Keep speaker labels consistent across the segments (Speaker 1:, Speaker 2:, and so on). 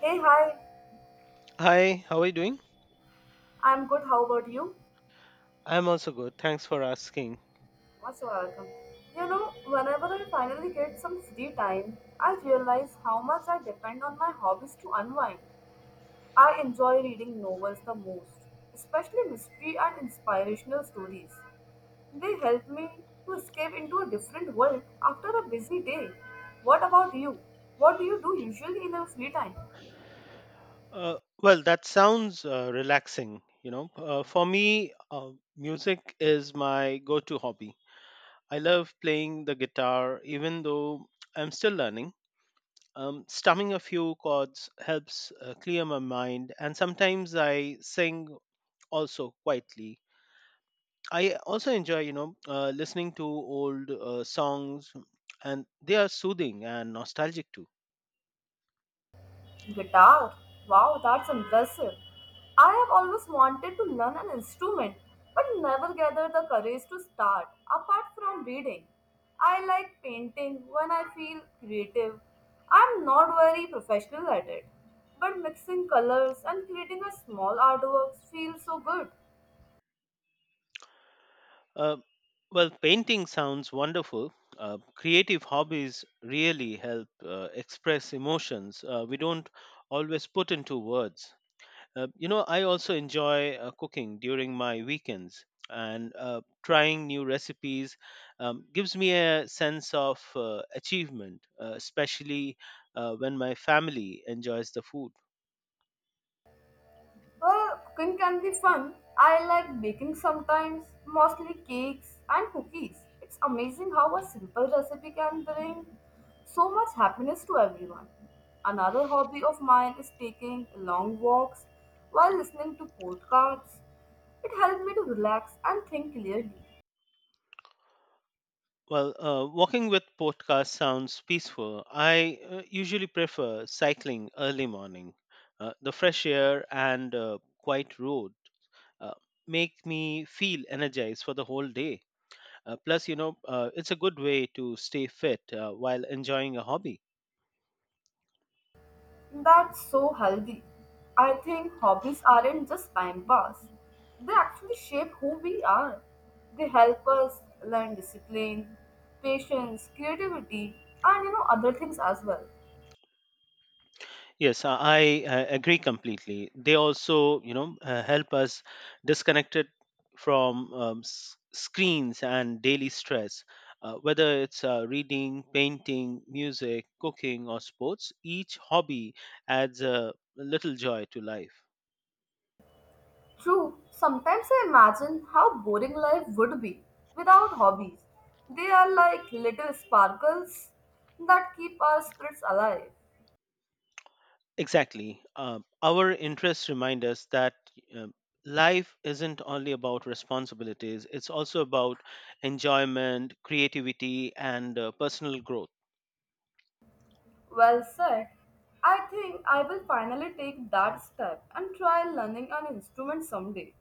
Speaker 1: Hey, hi.
Speaker 2: Hi, how are you doing?
Speaker 1: I'm good. How about you?
Speaker 2: I'm also good. Thanks for asking.
Speaker 1: Most welcome. You know, whenever I finally get some free time, I realize how much I depend on my hobbies to unwind. I enjoy reading novels the most, especially mystery and inspirational stories. They help me to escape into a different world after a busy day. What about you? What do you do usually in your free time?
Speaker 2: Uh, well, that sounds relaxing. For me, music is my go-to hobby. I love playing the guitar, even though I'm still learning. Strumming a few chords helps clear my mind, and sometimes I sing also quietly. I also enjoy listening to old songs, and they are soothing and nostalgic too.
Speaker 1: Guitar? Wow, that's impressive. I have always wanted to learn an instrument, but never gathered the courage to start, apart from reading. I like painting when I feel creative. I'm not very professional at it, but mixing colors and creating a small artwork feels so good.
Speaker 2: Uh, well, painting sounds wonderful. Creative hobbies really help express emotions we don't always put into words. I also enjoy cooking during my weekends, and trying new recipes gives me a sense of achievement, especially when my family enjoys the food.
Speaker 1: Well, cooking can be fun. I like baking sometimes, mostly cakes and cookies. It's amazing how a simple recipe can bring so much happiness to everyone. Another hobby of mine is taking long walks while listening to podcasts. It helps me to relax and think clearly.
Speaker 2: Well, walking with podcast sounds peaceful. I usually prefer cycling early morning. The fresh air and quiet road uh, make me feel energized for the whole day. Plus, it's a good way to stay fit while enjoying a hobby.
Speaker 1: That's so healthy. I think hobbies aren't just time pass. They actually shape who we are. They help us learn discipline, patience, creativity, and you know other things as well.
Speaker 2: Yes, I agree completely. They also, help us disconnected from screens and daily stress. Whether it's reading, painting, music, cooking, or sports, each hobby adds a little joy to life.
Speaker 1: True, sometimes I imagine how boring life would be without hobbies. They are like little sparkles that keep our spirits alive.
Speaker 2: Exactly. Our interests remind us that uh, life isn't only about responsibilities, it's also about enjoyment, creativity, and personal growth.
Speaker 1: Well said. I think I will finally take that step and try learning an instrument someday.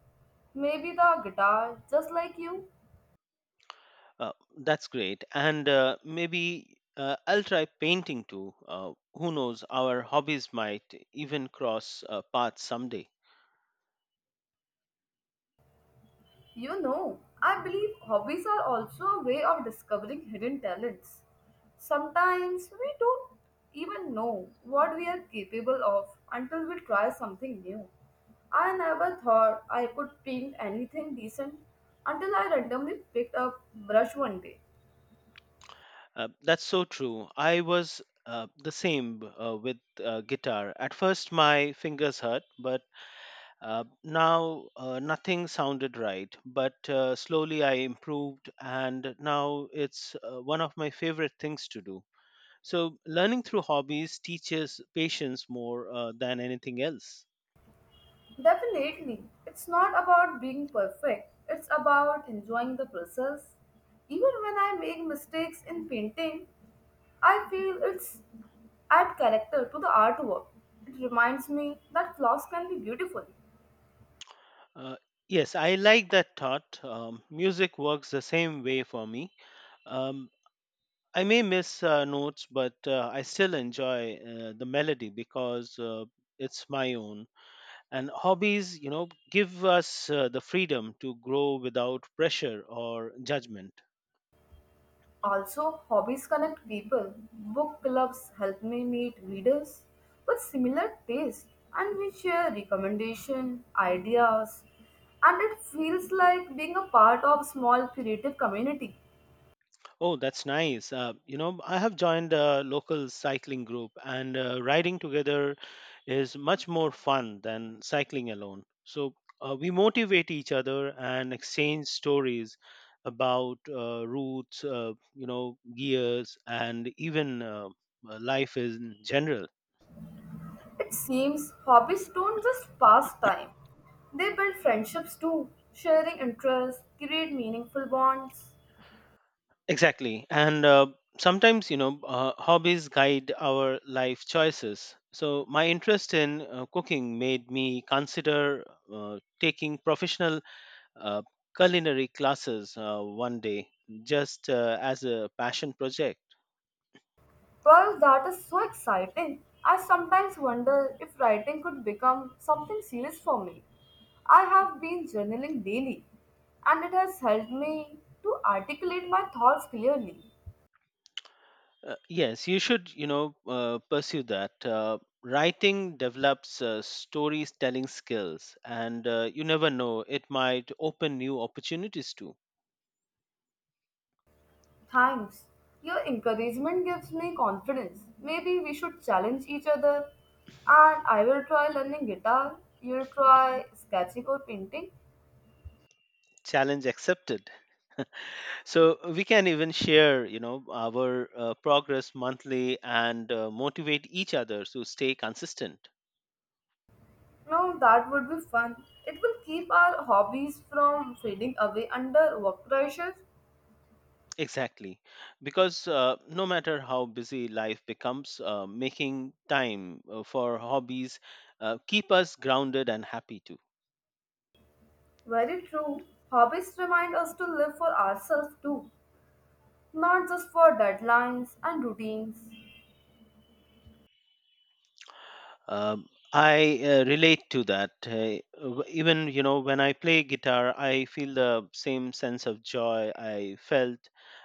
Speaker 1: Maybe the guitar, just like you.
Speaker 2: Uh, that's great. And maybe I'll try painting too. Who knows? Our hobbies might even cross paths someday.
Speaker 1: You know, I believe hobbies are also a way of discovering hidden talents. Sometimes we don't even know what we are capable of until we try something new. I never thought I could paint anything decent until I randomly picked up brush one day.
Speaker 2: That's so true. I was the same with guitar. At first, my fingers hurt, but now nothing sounded right. But slowly, I improved, and now it's one of my favorite things to do. So, learning through hobbies teaches patience more than anything else.
Speaker 1: Definitely. It's not about being perfect, it's about enjoying the process. Even when I make mistakes in painting, I feel it's add character to the artwork. It reminds me that flaws can be beautiful.
Speaker 2: Uh, yes, I like that thought. Music works the same way for me. Um, I may miss notes, but I still enjoy the melody because it's my own. And hobbies, you know, give us the freedom to grow without pressure or judgment.
Speaker 1: Also, hobbies connect people. Book clubs help me meet readers with similar taste and we share recommendation, ideas, and it feels like being a part of small creative community.
Speaker 2: Oh, that's nice. You know, I have joined a local cycling group, and riding together is much more fun than cycling alone. So we motivate each other and exchange stories about routes, gears, and even life in general.
Speaker 1: It seems hobbies don't just pass time, they build friendships too. Sharing interests create meaningful bonds.
Speaker 2: Exactly. And sometimes, hobbies guide our life choices. So, my interest in cooking made me consider taking professional uh, culinary classes one day just as a passion project.
Speaker 1: Well, that is so exciting. I sometimes wonder if writing could become something serious for me. I have been journaling daily, and it has helped me to articulate my thoughts clearly.
Speaker 2: Yes, you should, pursue that. Writing develops storytelling skills, and you never know, it might open new opportunities too.
Speaker 1: Thanks. Your encouragement gives me confidence. Maybe we should challenge each other. And I will try learning guitar. You'll try sketching or painting.
Speaker 2: Challenge accepted. So we can even share, you know, our progress monthly, and motivate each other to stay consistent.
Speaker 1: No, that would be fun. It will keep our hobbies from fading away under work pressures.
Speaker 2: Exactly, because no matter how busy life becomes, making time for hobbies keep us grounded and happy too.
Speaker 1: Very true. Hobbies remind us to live for ourselves too, not just for deadlines and routines.
Speaker 2: I relate to that. Even, you know, when I play guitar, I feel the same sense of joy I felt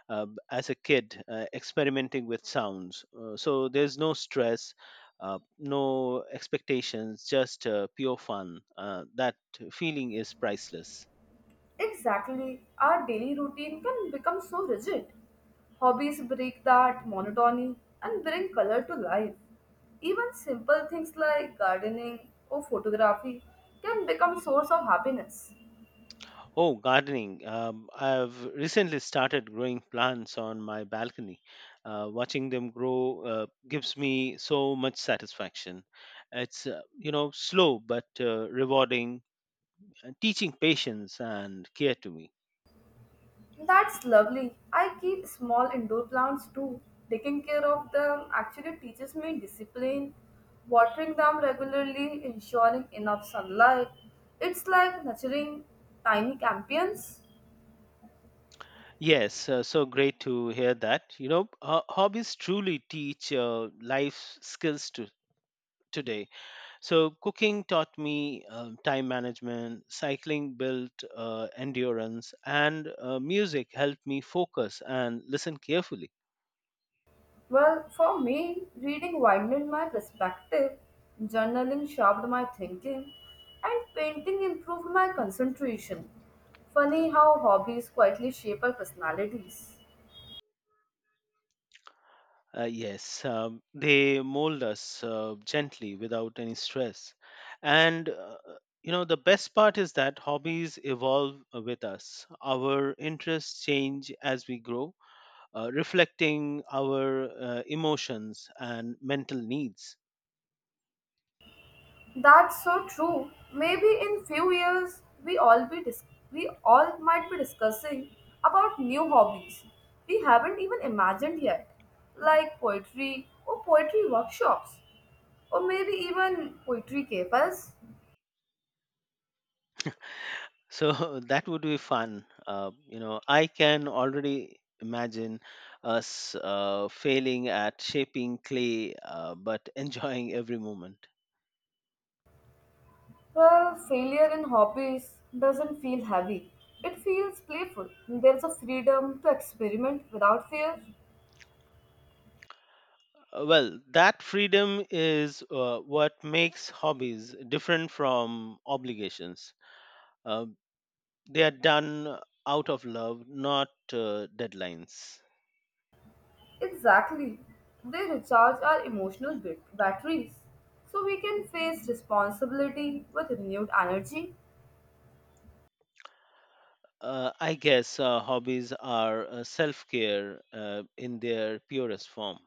Speaker 2: as a kid experimenting with sounds. So there's no stress, no expectations, just pure fun. That feeling is priceless.
Speaker 1: Exactly, our daily routine can become so rigid. Hobbies break that monotony and bring color to life. Even simple things like gardening or photography can become source of happiness.
Speaker 2: Oh, gardening. I've recently started growing plants on my balcony. Watching them grow gives me so much satisfaction. It's, you know, slow but rewarding, and teaching patience and care to me.
Speaker 1: That's lovely. I keep small indoor plants too. Taking care of them actually teaches me discipline. Watering them regularly, ensuring enough sunlight. It's like nurturing tiny champions.
Speaker 2: Yes, so great to hear that. Hobbies truly teach life skills to today. So, cooking taught me time management, cycling built endurance, and music helped me focus and listen carefully.
Speaker 1: Well, for me, reading widened my perspective, journaling sharpened my thinking, and painting improved my concentration. Funny how hobbies quietly shape our personalities.
Speaker 2: Yes, they mold us gently without any stress. And, the best part is that hobbies evolve with us. Our interests change as we grow, reflecting our emotions and mental needs.
Speaker 1: That's so true. Maybe in few years we all might be discussing about new hobbies we haven't even imagined yet, like poetry or poetry workshops, or maybe even poetry cafes.
Speaker 2: So that would be fun. You know, I can already imagine us failing at shaping clay, but enjoying every moment.
Speaker 1: Well, failure in hobbies doesn't feel heavy. It feels playful. There's a freedom to experiment without fear.
Speaker 2: Well, that freedom is what makes hobbies different from obligations. Uh, they are done out of love, not deadlines.
Speaker 1: Exactly. They recharge our emotional batteries so we can face responsibility with renewed energy.
Speaker 2: I guess hobbies are self care in their purest form.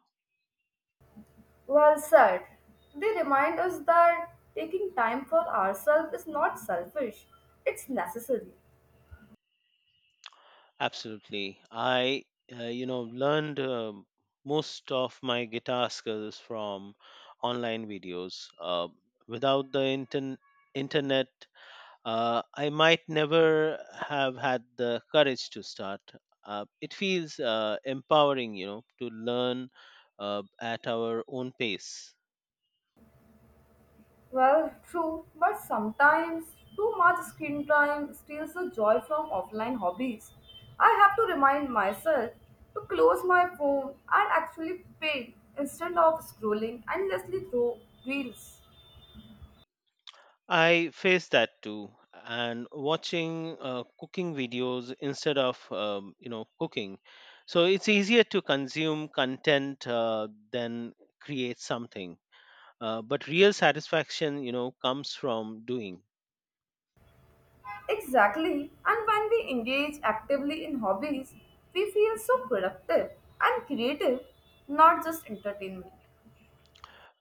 Speaker 1: Well said. They remind us that taking time for ourselves is not selfish, it's necessary.
Speaker 2: Absolutely. I learned most of my guitar skills from online videos. Without the internet, I might never have had the courage to start. It feels empowering, you know, to learn at our own pace.
Speaker 1: Well, true, but sometimes too much screen time steals the joy from offline hobbies. I have to remind myself to close my phone and actually paint instead of scrolling endlessly through reels.
Speaker 2: I face that too. And watching cooking videos instead of, you know, cooking, so it's easier to consume content than create something. But real satisfaction, you know, comes from doing.
Speaker 1: Exactly, and when we engage actively in hobbies, we feel so productive and creative, not just entertainment.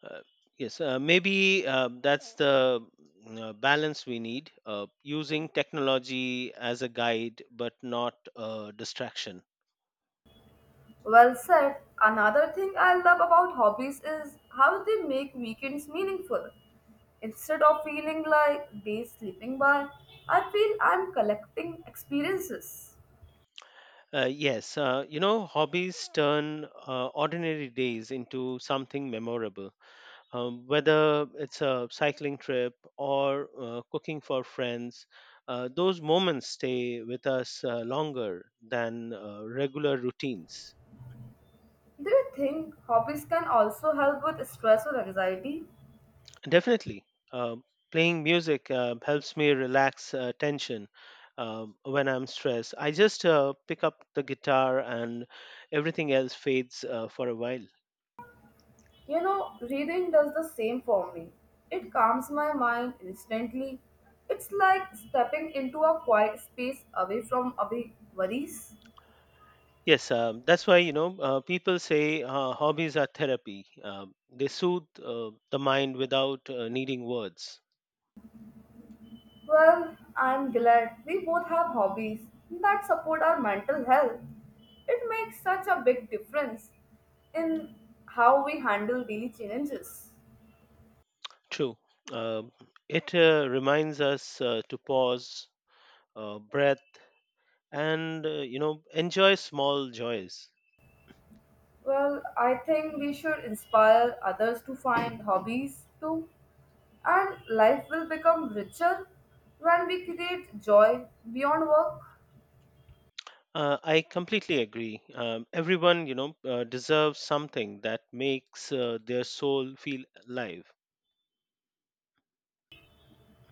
Speaker 2: Uh, yes, maybe that's the balance we need: using technology as a guide, but not a distraction.
Speaker 1: Well said. Another thing I love about hobbies is how they make weekends meaningful. Instead of feeling like days slipping by, I feel I'm collecting experiences.
Speaker 2: Yes, hobbies turn ordinary days into something memorable. Whether it's a cycling trip or cooking for friends, those moments stay with us longer than regular routines.
Speaker 1: Do you think hobbies can also help with stress or anxiety?
Speaker 2: Definitely, uh, playing music helps me relax tension. When I'm stressed, I just pick up the guitar, and everything else fades for a while.
Speaker 1: You know, reading does the same for me. It calms my mind instantly. It's like stepping into a quiet space away from away worries.
Speaker 2: Yes, that's why, you know, people say hobbies are therapy. They soothe the mind without needing words.
Speaker 1: Well, I'm glad we both have hobbies that support our mental health. It makes such a big difference in how we handle daily challenges.
Speaker 2: True. Um it reminds us to pause, breath, and, you know, enjoy small joys.
Speaker 1: Well, I think we should inspire others to find hobbies too, and life will become richer when we create joy beyond work.
Speaker 2: I completely agree. Everyone, deserves something that makes their soul feel alive.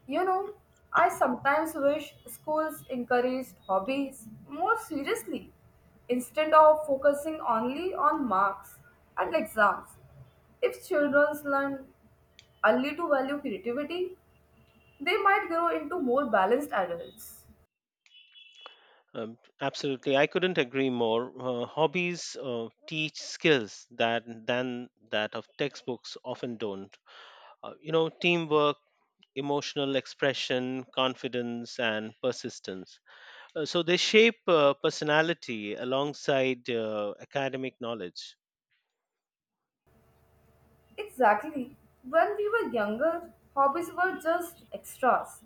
Speaker 1: You know, I sometimes wish schools encouraged hobbies more seriously instead of focusing only on marks and exams. If children learn early to value creativity, they might grow into more balanced adults.
Speaker 2: Absolutely, I couldn't agree more. Hobbies teach skills that than that of textbooks often don't. You know, teamwork, emotional expression, confidence, and persistence. So they shape personality alongside academic knowledge.
Speaker 1: Exactly. When we were younger, hobbies were just extras.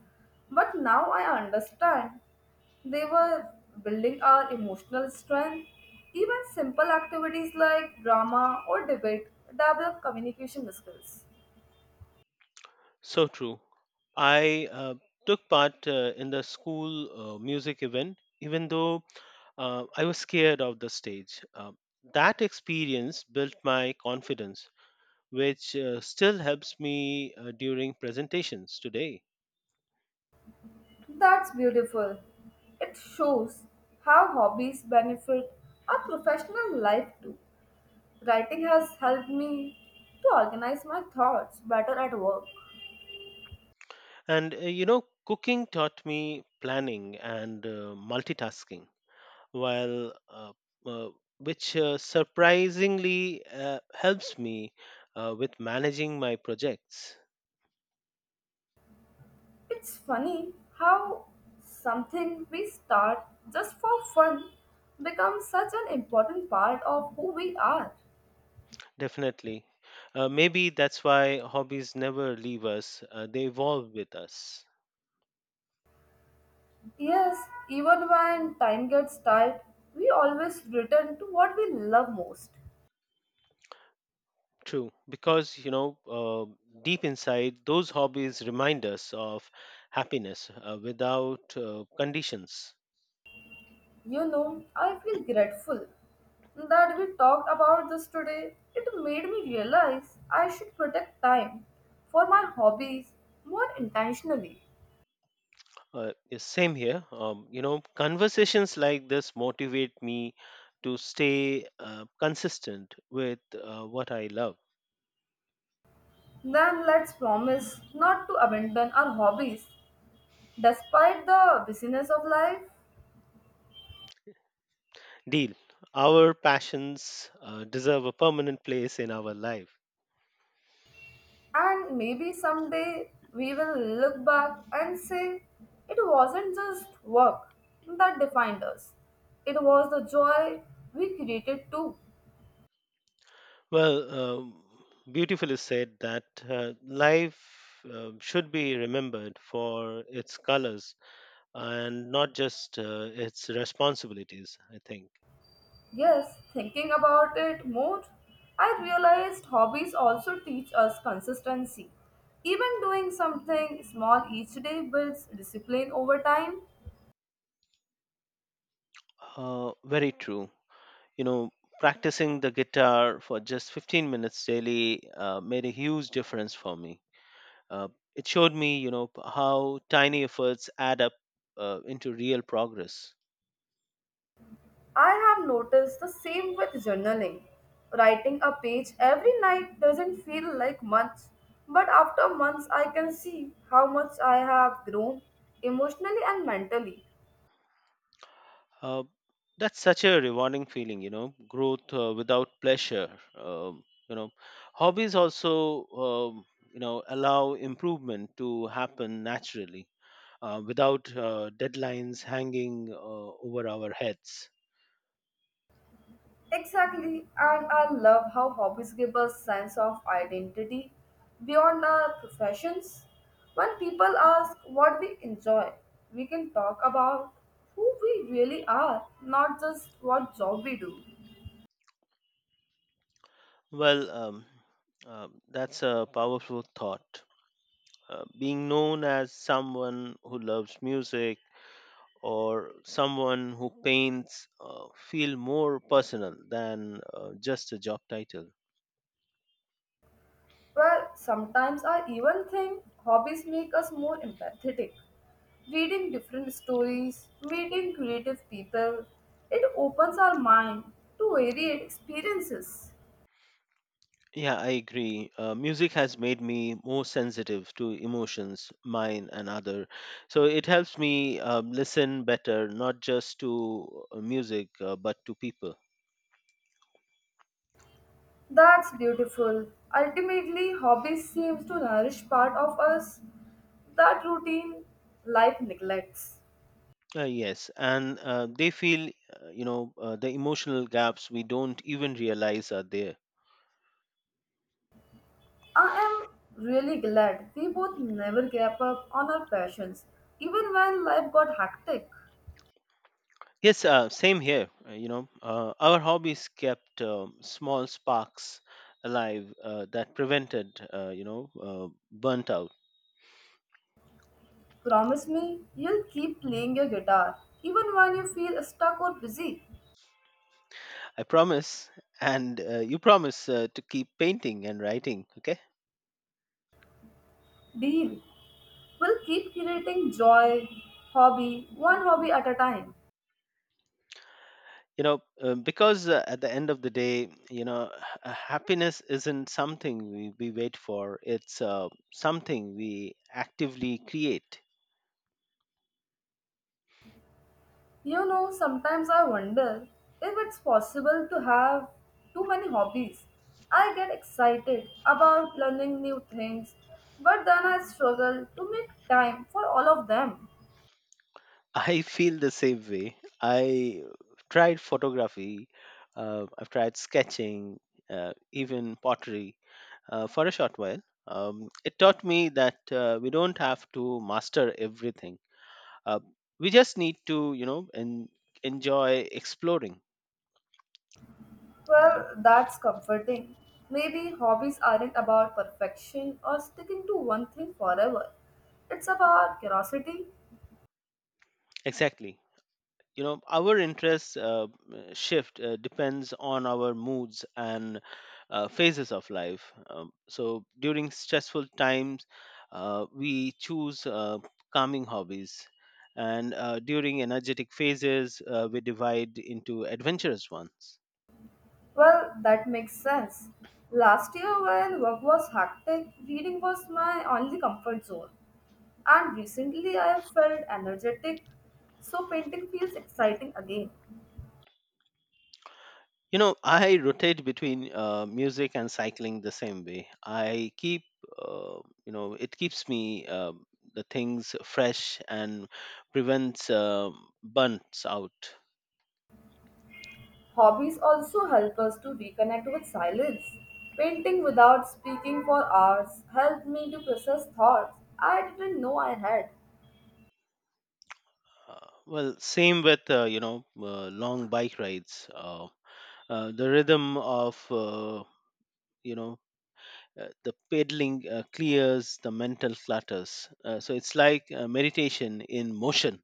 Speaker 1: But now I understand. They were building our emotional strength. Even simple activities like drama or debate develop communication skills.
Speaker 2: So true. I took part in the school music event, even though I was scared of the stage. That experience built my confidence, which still helps me during presentations today.
Speaker 1: That's beautiful. It shows how hobbies benefit our professional life too. Writing has helped me to organize my thoughts better at work.
Speaker 2: And cooking taught me planning and multitasking, while uh, which surprisingly helps me with managing my projects.
Speaker 1: It's funny how something we start just for fun becomes such an important part of who we are.
Speaker 2: Definitely. Maybe that's why hobbies never leave us, they evolve with us.
Speaker 1: Yes, even when time gets tight, we always return to what we love most.
Speaker 2: True, because, you know, deep inside, those hobbies remind us of happiness without conditions.
Speaker 1: You know, I feel grateful that we talked about this today. It made me realize I should protect time for my hobbies more intentionally.
Speaker 2: Yeah, same here. You know, conversations like this motivate me to stay consistent with what I love.
Speaker 1: Then let's promise not to abandon our hobbies despite the busyness of life.
Speaker 2: Deal. Our passions deserve a permanent place in our life.
Speaker 1: And maybe someday we will look back and say it wasn't just work that defined us, it was the joy we created too.
Speaker 2: Well, beautifully said that life should be remembered for its colors and not just its responsibilities, I think.
Speaker 1: Yes, thinking about it more, I realized hobbies also teach us consistency. Even doing something small each day builds discipline over time.
Speaker 2: Very true. You know, practicing the guitar for just 15 minutes daily made a huge difference for me. Uh, it showed me, how tiny efforts add up into real progress.
Speaker 1: I have noticed the same with journaling. Writing a page every night doesn't feel like much, but after months I can see how much I have grown emotionally and mentally.
Speaker 2: Uh, that's such a rewarding feeling, you know, growth without pleasure. You know, hobbies also, you know, allow improvement to happen naturally, without deadlines hanging over our heads.
Speaker 1: Exactly, and I love how hobbies give us sense of identity beyond our professions. When people ask what we enjoy, we can talk about who we really are, not just what job we do.
Speaker 2: Well, that's a powerful thought. Being known as someone who loves music or someone who paints feel more personal than just a job title.
Speaker 1: Well, sometimes I even think hobbies make us more empathetic. Reading different stories, meeting creative people, it opens our mind to varied experiences.
Speaker 2: Yeah, I agree. Music has made me more sensitive to emotions, mine and other. So it helps me, listen better, not just to music, but to people.
Speaker 1: That's beautiful. Ultimately, hobbies seems to nourish part of us that routine life neglects.
Speaker 2: Yes, and they feel, the emotional gaps we don't even realize are there.
Speaker 1: I am really glad we both never gave up on our passions, even when life got hectic.
Speaker 2: Yes, same here. Our hobbies kept, small sparks alive that prevented, burnt out.
Speaker 1: Promise me you'll keep playing your guitar even when you feel stuck or busy.
Speaker 2: I promise, and you promise to keep painting and writing. Okay.
Speaker 1: Deal. We'll keep creating joy, hobby, one hobby at a time.
Speaker 2: You know, because at the end of the day, you know, happiness isn't something we wait for, it's something we actively create.
Speaker 1: You know, sometimes I wonder if it's possible to have too many hobbies. I get excited about learning new things, but then I struggle to make time for all of them.
Speaker 2: I feel the same way. I tried photography, I've tried sketching, even pottery for a short while. It taught me that we don't have to master everything, uh, we just need to, you know, enjoy exploring.
Speaker 1: Well, that's comforting. Maybe hobbies aren't about perfection or sticking to one thing forever. It's about curiosity.
Speaker 2: Exactly. You know, our interests shift, depends on our moods and phases of life. So during stressful times, we choose calming hobbies, and during energetic phases we divide into adventurous ones.
Speaker 1: Well, that makes sense. Last year, when work was hectic, reading was my only comfort zone. And recently, I have felt energetic, so painting feels exciting again.
Speaker 2: You know, I rotate between music and cycling the same way. I keep, it keeps me the things fresh and prevents bunts out.
Speaker 1: Hobbies also help us to reconnect with silence. Painting without speaking for hours helped me to process thoughts I didn't know I had.
Speaker 2: Well, same with, long bike rides. The rhythm of, you know the pedaling clears the mental clutters. So it's like meditation in motion.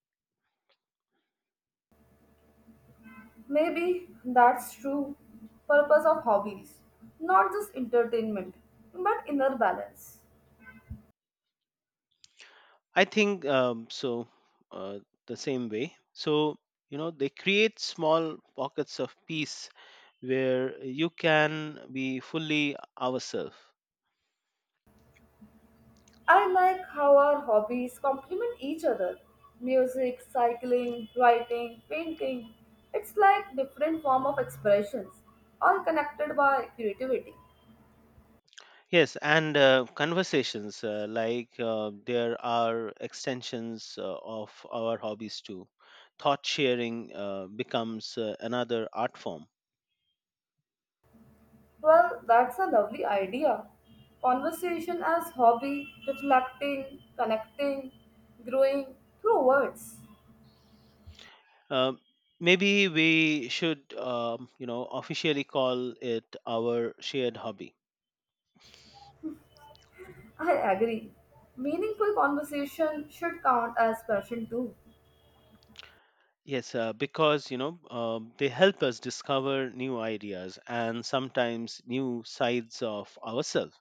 Speaker 1: Maybe that's true purpose of hobbies, not just entertainment, but inner balance.
Speaker 2: I think, so, uh, the same way. So, you know, they create small pockets of peace where you can be fully ourselves.
Speaker 1: I like how our hobbies complement each other. Music, cycling, writing, painting. It's like different form of expressions, all connected by creativity.
Speaker 2: Yes, and conversations, like, there are extensions of our hobbies too. Thought sharing becomes another art form.
Speaker 1: Well, that's a lovely idea. Conversation as hobby, reflecting, connecting, growing through words.
Speaker 2: Um Maybe we should, officially call it our shared hobby.
Speaker 1: I agree. Meaningful conversation should count as passion too.
Speaker 2: Yes, because, you know, they help us discover new ideas and sometimes new sides of ourselves.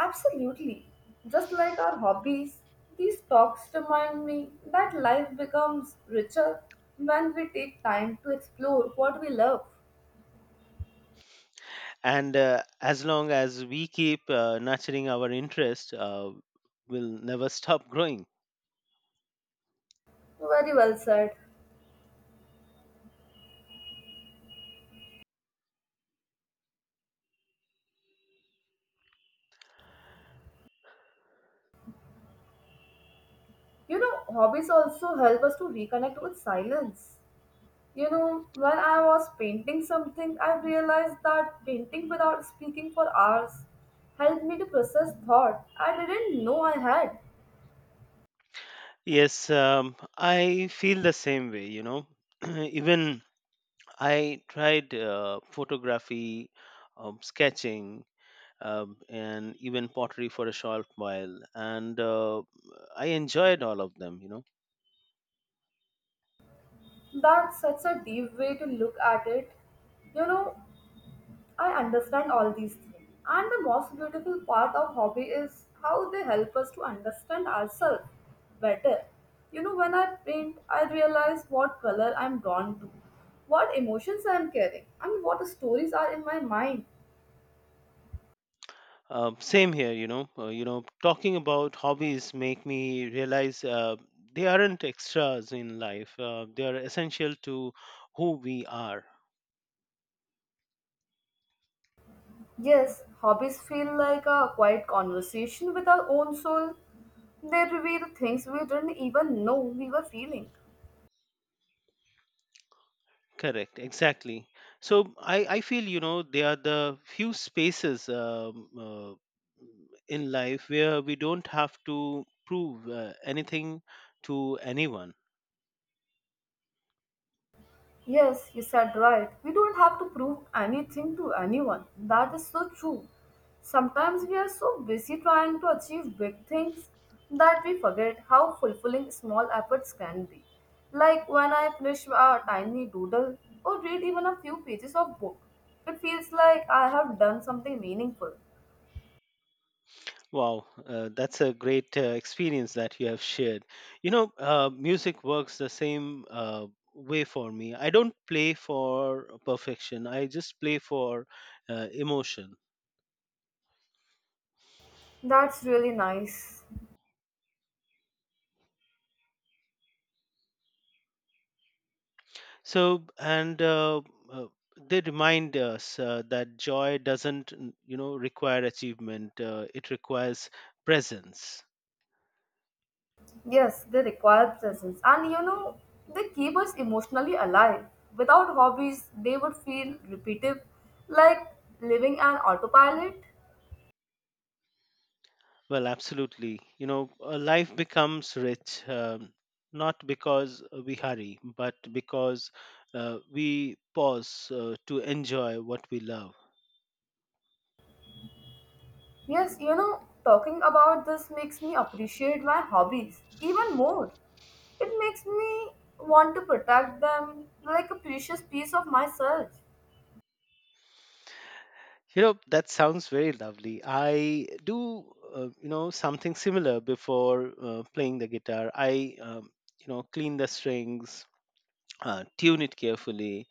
Speaker 1: Absolutely. Just like our hobbies, these talks remind me that life becomes richer when we take time to explore what we love.
Speaker 2: And as long as we keep nurturing our interest, we'll never stop growing.
Speaker 1: Very well said. You know, hobbies also help us to reconnect with silence. You know, when I was painting something, I realized that painting without speaking for hours helped me to process thought I didn't know I had.
Speaker 2: Yes, I feel the same way. You know, even I tried photography, sketching, and even pottery for a short while, and I enjoyed all of them, you know.
Speaker 1: That's such a deep way to look at it. You know, I understand all these things. And the most beautiful part of hobby is how they help us to understand ourselves better. You know, when I paint, I realize what color I'm drawn to, what emotions I'm carrying, and what stories are in my mind.
Speaker 2: Same here, you know. Talking about hobbies make me realize they aren't extras in life. They are essential to who we are.
Speaker 1: Yes, hobbies feel like a quiet conversation with our own soul. They reveal things we didn't even know we were feeling.
Speaker 2: Correct, exactly. So I feel, you know, they are the few spaces in life where we don't have to prove anything to anyone.
Speaker 1: Yes, you said right. We don't have to prove anything to anyone. That is so true. Sometimes we are so busy trying to achieve big things that we forget how fulfilling small efforts can be. Like when I finish a tiny doodle or read even a few pages of book, it feels like I have done something meaningful.
Speaker 2: Wow, that's a great experience that you have shared. You know, music works the same way for me. I don't play for perfection, I just play for emotion.
Speaker 1: That's really nice.
Speaker 2: So, and uh, they remind us that joy doesn't, require achievement, it requires presence.
Speaker 1: Yes, they require presence. And you know, they keep us emotionally alive. Without hobbies, they would feel repetitive, like living an autopilot.
Speaker 2: Well, absolutely. You know, life becomes rich, not because we hurry, but because we pause to enjoy what we love.
Speaker 1: Yes, you know, talking about this makes me appreciate my hobbies even more. It makes me want to protect them like a precious piece of myself.
Speaker 2: You know, that sounds very lovely. I do, something similar before playing the guitar. I, clean the strings, tune it carefully,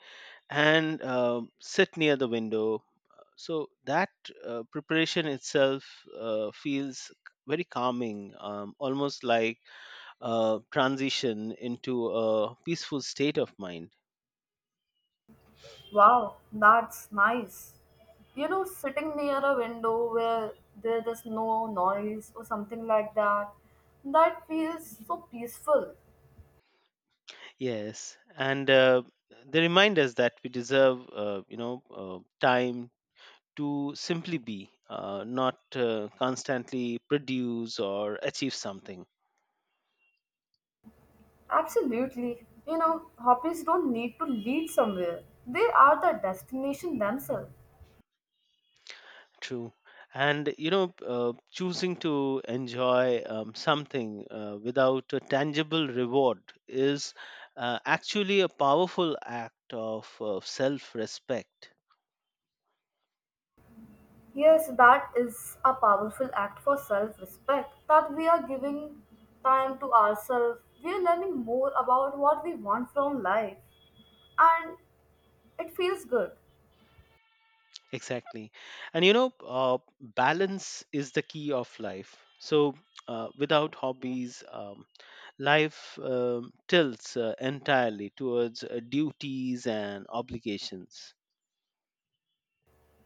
Speaker 2: and sit near the window. So that preparation itself feels very calming, almost like a transition into a peaceful state of mind.
Speaker 1: Wow, that's nice. You know, sitting near a window where there is no noise or something like that, that feels so peaceful.
Speaker 2: Yes, and they remind us that we deserve, time to simply be, not constantly produce or achieve something.
Speaker 1: Absolutely. You know, hobbies don't need to lead somewhere, they are the destination themselves.
Speaker 2: True. And, you know, choosing to enjoy, something without a tangible reward is actually a powerful act of self respect.
Speaker 1: Yes, that is a powerful act for self respect that we are giving time to ourselves. We are learning more about what we want from life, and it feels good.
Speaker 2: Exactly. And, you know, balance is the key of life. So, without hobbies, life tilts entirely towards duties and obligations.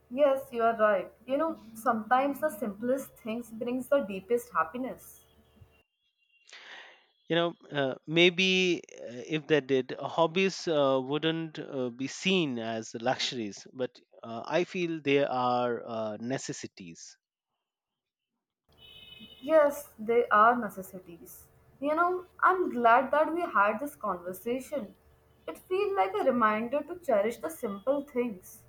Speaker 1: Yes, you are right. You know, sometimes the simplest things brings the deepest happiness.
Speaker 2: You know, maybe if they did hobbies wouldn't be seen as luxuries, but I feel they are necessities.
Speaker 1: Yes, they are necessities. You know, I'm glad that we had this conversation. It feels like a reminder to cherish the simple things.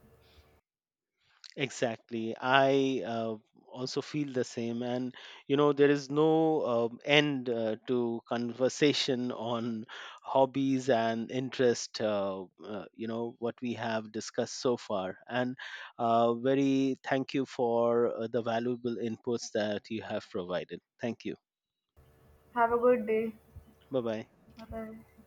Speaker 2: Exactly. I also feel the same. And, you know, there is no end to conversation on hobbies and interest, what we have discussed so far. And very thank you for the valuable inputs that you have provided. Thank you.
Speaker 1: Have a good day.
Speaker 2: Bye bye.
Speaker 1: Bye bye.